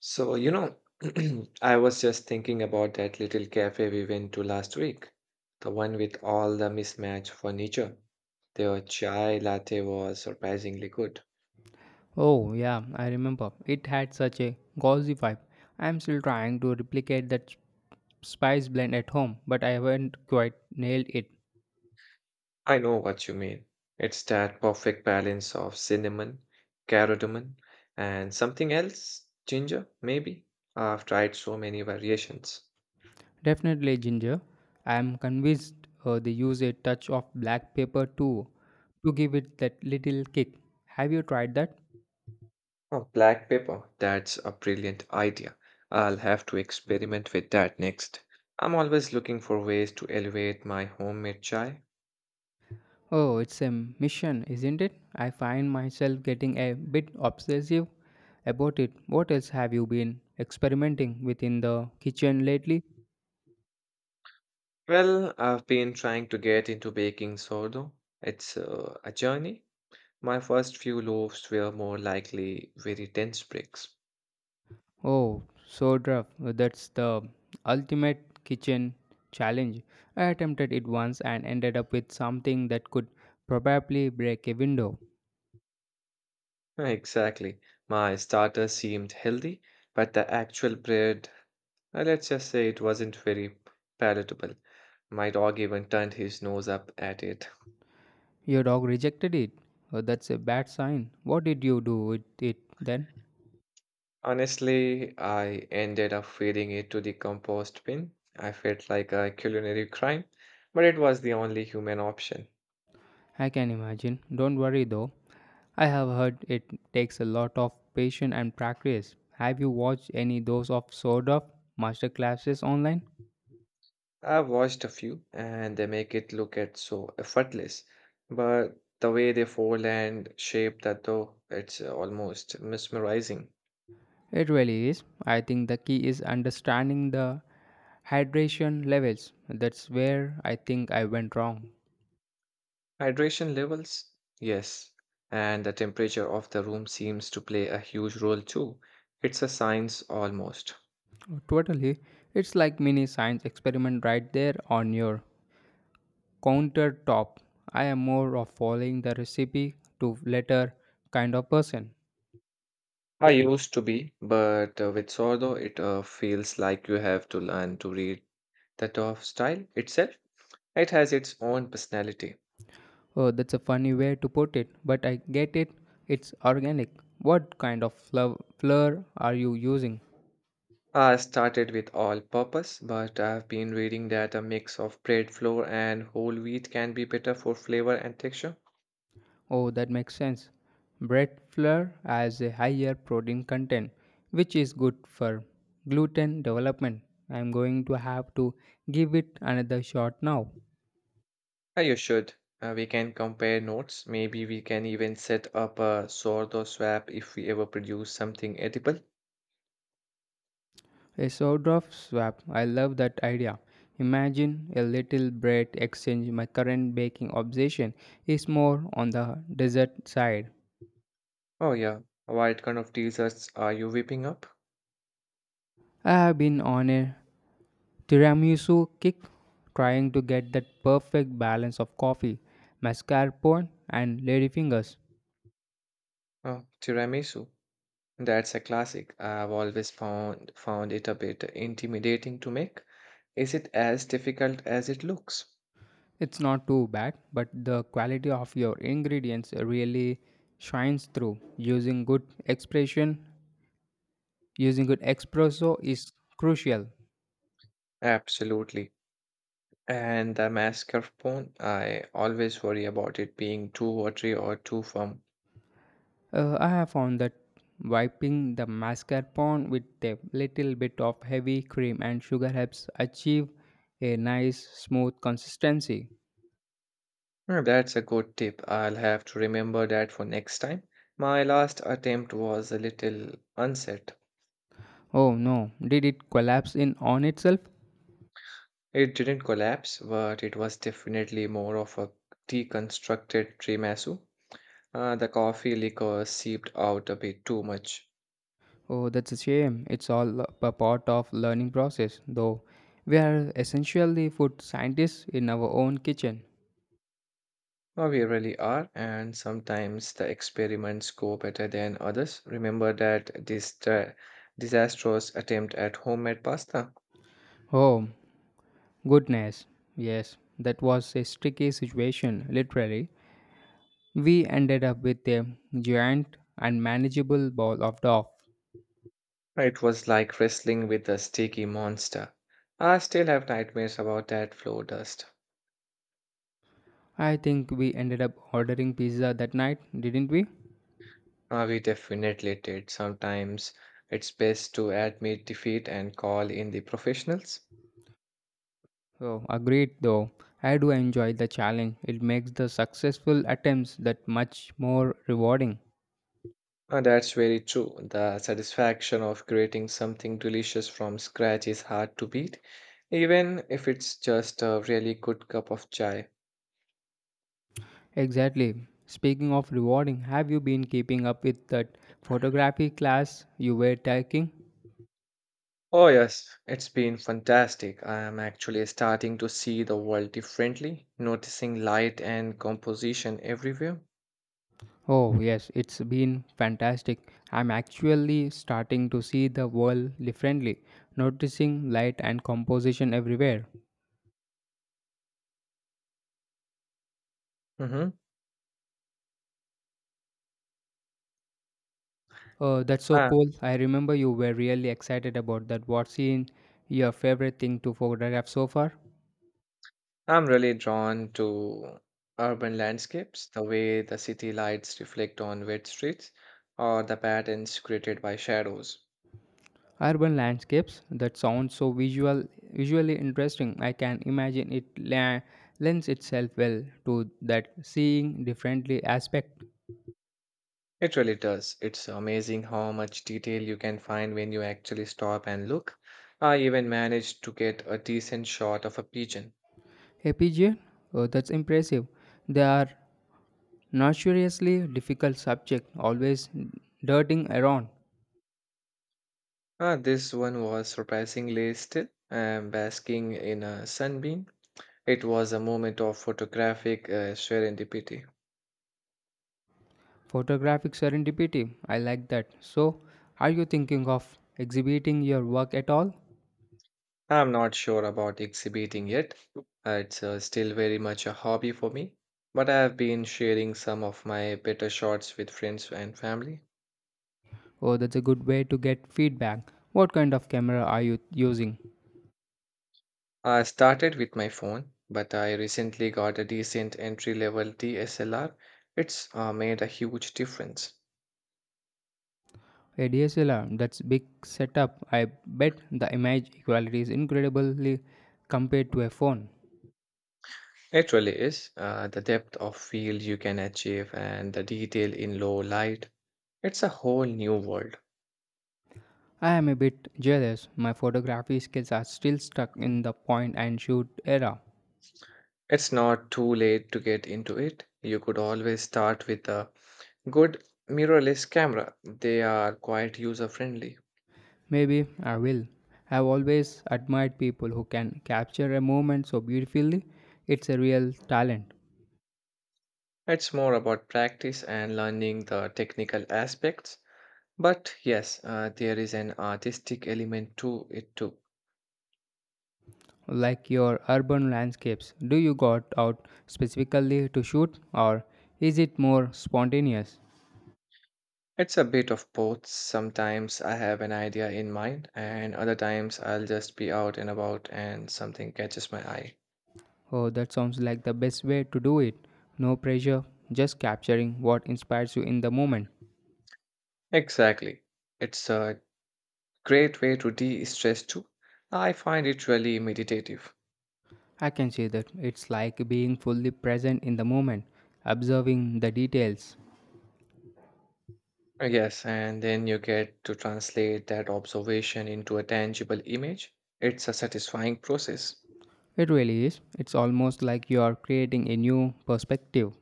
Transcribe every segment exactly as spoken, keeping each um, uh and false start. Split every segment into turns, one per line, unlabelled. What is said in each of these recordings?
So, you know, I was just thinking about that little cafe we went to last week, the one with all the mismatched furniture. Their chai latte was surprisingly good.
Oh, yeah, I remember. It had such a gauzy vibe. I'm still trying to replicate that s- spice blend at home, but I haven't quite nailed it.
I know what you mean. It's that perfect balance of cinnamon, cardamom, and something else, ginger, maybe. I've tried so many variations.
Definitely ginger. I'm convinced, uh, they use a touch of black pepper too to give it that little kick. Have you tried that?
Oh, black pepper. That's a brilliant idea. I'll have to experiment with that next. I'm always looking for ways to elevate my homemade chai.
Oh, it's a mission, isn't it? I find myself getting a bit obsessive about it. What else have you been experimenting with in the kitchen lately?
Well, I've been trying to get into baking sourdough. It's uh, a journey. My first few loaves were more likely very dense bricks.
Oh, so rough. That's the ultimate kitchen challenge. I attempted it once and ended up with something that could probably break a window.
Exactly. My starter seemed healthy, but the actual bread, uh, let's just say it wasn't very palatable. My dog even turned his nose up at it.
Your dog rejected it. Oh, that's a bad sign. What did you do with it then?
Honestly, I ended up feeding it to the compost bin. I felt like a culinary crime, but it was the only human option.
I can imagine. Don't worry though. I have heard it takes a lot of patience and practice. Have you watched any those of Sword of master classes online?
I've watched a few and they make it look at so effortless, but the way they fold and shape that dough, it's uh, almost mesmerizing.
It really is. I think the key is understanding the hydration levels. That's where I think I went wrong.
Hydration levels? Yes, and the temperature of the room seems to play a huge role too. It's a science almost.
Totally. It's like mini science experiment right there on your countertop. I am more of following the recipe to letter kind of person.
I used to be, but uh, with Sordo, it uh, feels like you have to learn to read the of style itself. It has its own personality.
Oh, that's a funny way to put it, but I get it. It's organic. What kind of flour flour are you using?
I started with all purpose, but I've been reading that a mix of bread flour and whole wheat can be better for flavor and texture.
Oh, that makes sense. Bread flour has a higher protein content, which is good for gluten development. I'm going to have to give it another shot now.
Uh, you should. Uh, We can compare notes. Maybe we can even set up a Sordo swap if we ever produce something edible.
A sourdough swap. I love that idea. Imagine a little bread exchange. My current baking obsession is more on the dessert side.
Oh, yeah. What kind of desserts are you whipping up?
I have been on a tiramisu kick, trying to get that perfect balance of coffee, mascarpone, and ladyfingers.
Oh, tiramisu. That's a classic. I've always found found it a bit intimidating to make. Is it as difficult as it looks?
It's not too bad, but the quality of your ingredients really shines through. Using good expression, using good espresso is crucial.
Absolutely. And the mascarpone, I always worry about it being too watery or too firm.
Uh, I have found that wiping the mascarpone with a little bit of heavy cream and sugar helps achieve a nice smooth consistency.
Hmm, that's a good tip. I'll have to remember that for next time. My last attempt was a little unset.
Oh no, did it collapse in on itself?
It didn't collapse, but it was definitely more of a deconstructed tiramisu. Uh, the coffee liquor seeped out a bit too much.
Oh, that's a shame. It's all a p- part of learning process, though. We are essentially food scientists in our own kitchen.
Oh, we really are, and sometimes the experiments go better than others. Remember that this uh, disastrous attempt at homemade pasta?
Oh, goodness. Yes, that was a sticky situation, literally. We ended up with a giant unmanageable ball of dough.
It was like wrestling with a sticky monster. I still have nightmares about that floor dust.
I think we ended up ordering pizza that night, didn't we?
Uh, we definitely did. Sometimes it's best to admit defeat and call in the professionals.
Oh, agreed though. I do enjoy the challenge. It makes the successful attempts that much more rewarding.
Uh, that's very true. The satisfaction of creating something delicious from scratch is hard to beat, even if it's just a really good cup of chai.
Exactly. Speaking of rewarding, have you been keeping up with that photography class you were taking?
Oh, yes, it's been fantastic. I am actually starting to see the world differently, noticing light and composition everywhere.
Oh, yes, it's been fantastic. I'm actually starting to see the world differently, noticing light and composition everywhere.
Mm-hmm.
Oh, that's so
Uh,
cool. I remember you were really excited about that. What's in your favorite thing to photograph so far?
I'm really drawn to urban landscapes, the way the city lights reflect on wet streets, or the patterns created by shadows.
Urban landscapes that sound so visual, Visually interesting. I can imagine it la- lends itself well to that seeing differently aspect.
It really does. It's amazing how much detail you can find when you actually stop and look. I even managed to get a decent shot of a pigeon.
A pigeon, oh, that's impressive. They are notoriously difficult subject, always darting around.
Ah, this one was surprisingly still and basking in a sunbeam. It was a moment of photographic uh, serendipity.
Photographic serendipity. I like that. So, are you thinking of exhibiting your work at all?
I'm not sure about exhibiting yet. Uh, it's uh, still very much a hobby for me, but I have been sharing some of my better shots with friends and family.
Oh, that's a good way to get feedback. What kind of camera are you using?
I started with my phone, but I recently got a decent entry level D S L R. It's uh, made a huge difference.
A D S L R, that's big setup. I bet the image quality is incredibly compared to a phone.
It really is. Uh, the depth of field you can achieve and the detail in low light. It's a whole new world.
I am a bit jealous. My photography skills are still stuck in the point and shoot era.
It's not too late to get into it. You could always start with a good mirrorless camera. They are quite user friendly.
Maybe I will. I've always admired people who can capture a moment so beautifully. It's a real talent.
It's more about practice and learning the technical aspects. But yes, uh, there is an artistic element to it too.
Like your urban landscapes, do you got out specifically to shoot or is it more spontaneous?
It's a bit of both. Sometimes I have an idea in mind, and other times I'll just be out and about and something catches my eye.
Oh, that sounds like the best way to do it. No pressure, just capturing what inspires you in the moment.
Exactly. It's a great way to de stress too. I find it really meditative.
I can say that it's like being fully present in the moment, observing the details.
Uh, Yes, and then you get to translate that observation into a tangible image. It's a satisfying process.
It really is. It's almost like you are creating a new perspective.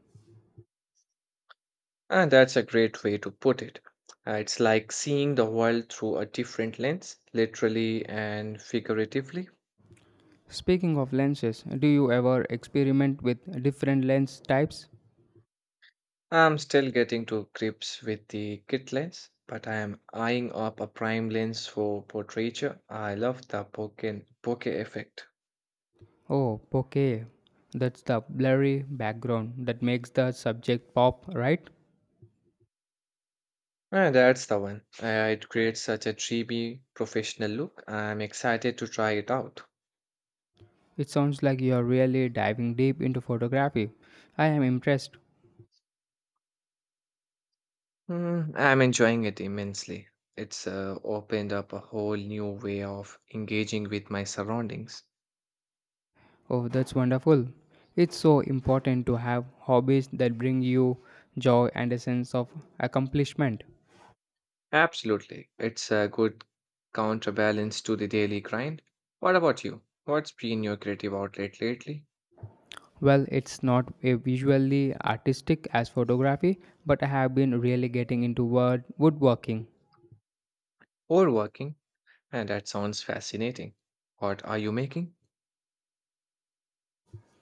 And that's a great way to put it. Uh, it's like seeing the world through a different lens, literally and figuratively.
Speaking of lenses, do you ever experiment with different lens types?
I'm still getting to grips with the kit lens, but I am eyeing up a prime lens for portraiture. I love the bokeh, bokeh effect.
Oh, bokeh. That's the blurry background that makes the subject pop, right?
Uh, that's the one. Uh, it creates such a dreamy, professional look. I'm excited to try it out.
It sounds like you are really diving deep into photography. I am impressed.
Mm, I'm enjoying it immensely. It's uh, opened up a whole new way of engaging with my surroundings.
Oh, that's wonderful. It's so important to have hobbies that bring you joy and a sense of accomplishment.
Absolutely. It's a good counterbalance to the daily grind. What about you? What's been your creative outlet lately?
Well, it's not a visually artistic as photography, but I have been really getting into wood woodworking.
Or working? And that sounds fascinating. What are you making?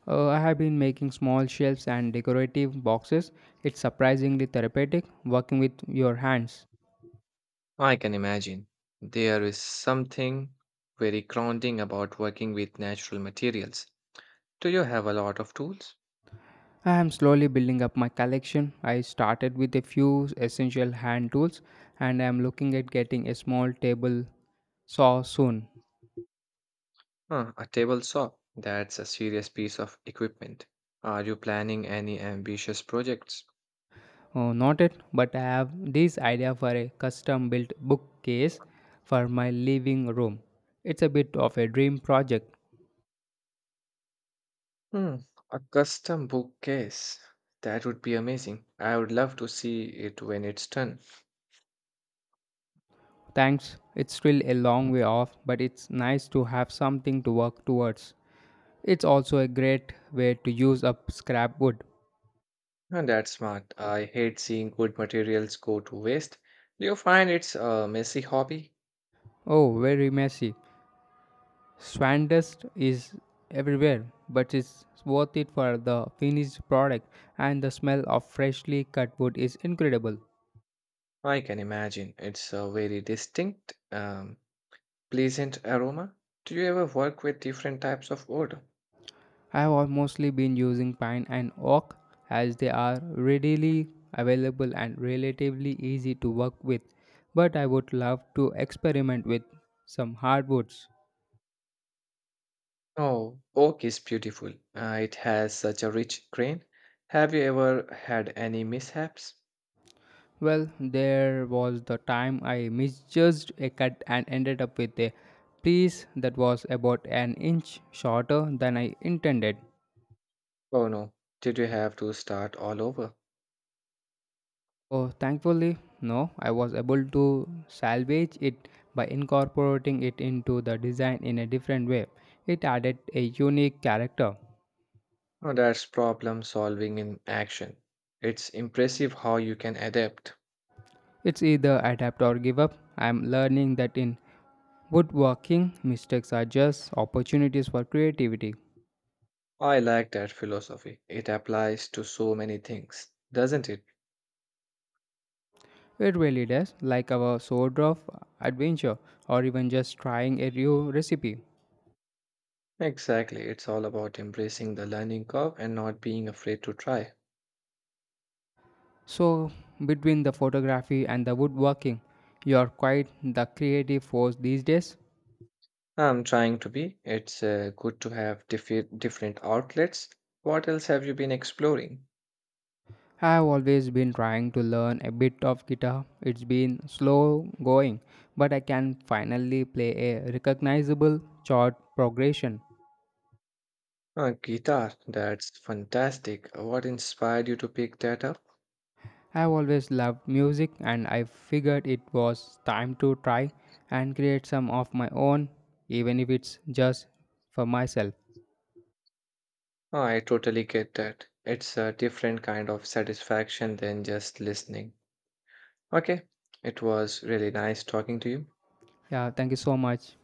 Uh, I have been making small shelves and decorative boxes. It's surprisingly therapeutic working with your hands.
I can imagine. There is something very grounding about working with natural materials. Do you have a lot of tools?
I am slowly building up my collection. I started with a few essential hand tools and I am looking at getting a small table saw soon.
Huh, a table saw. That's a serious piece of equipment. Are you planning any ambitious projects?
Oh, not it, but I have this idea for a custom built bookcase for my living room. It's a bit of a dream project.
Hmm, a custom bookcase. That would be amazing. I would love to see it when it's done.
Thanks, it's still a long way off, but it's nice to have something to work towards. It's also a great way to use up scrap wood.
And that's smart. I hate seeing good materials go to waste. Do you find it's a messy hobby?
Oh, very messy. Swan dust is everywhere, but it's worth it for the finished product, and the smell of freshly cut wood is incredible.
I can imagine. It's a very distinct, um, pleasant aroma. Do you ever work with different types of wood?
I have mostly been using pine and oak as they are readily available and relatively easy to work with, but I would love to experiment with some hardwoods.
Oh, oak is beautiful. Uh, it has such a rich grain. Have you ever had any mishaps?
Well, there was the time I misjudged a cut and ended up with a piece that was about an inch shorter than I intended.
Oh no. Did you have to start all over?
Oh, thankfully, no. I was able to salvage it by incorporating it into the design in a different way. It added a unique character.
Oh, that's problem solving in action. It's impressive how you can adapt.
It's either adapt or give up. I'm learning that in woodworking, mistakes are just opportunities for creativity.
I like that philosophy. It applies to so many things, doesn't it?
It really does, like our sword of adventure or even just trying a new recipe.
Exactly. It's all about embracing the learning curve and not being afraid to try.
So, between the photography and the woodworking, you're quite the creative force these days.
I'm trying to be. It's uh, good to have diffe- different outlets. What else have you been exploring?
I've always been trying to learn a bit of guitar. It's been slow going, but I can finally play a recognizable chord progression.
Uh, guitar. That's fantastic. What inspired you to pick that up?
I've always loved music and I figured it was time to try and create some of my own, even if it's just for myself.
Oh, I totally get that. It's a different kind of satisfaction than just listening. Okay, it was really nice talking to you.
Yeah, thank you so much.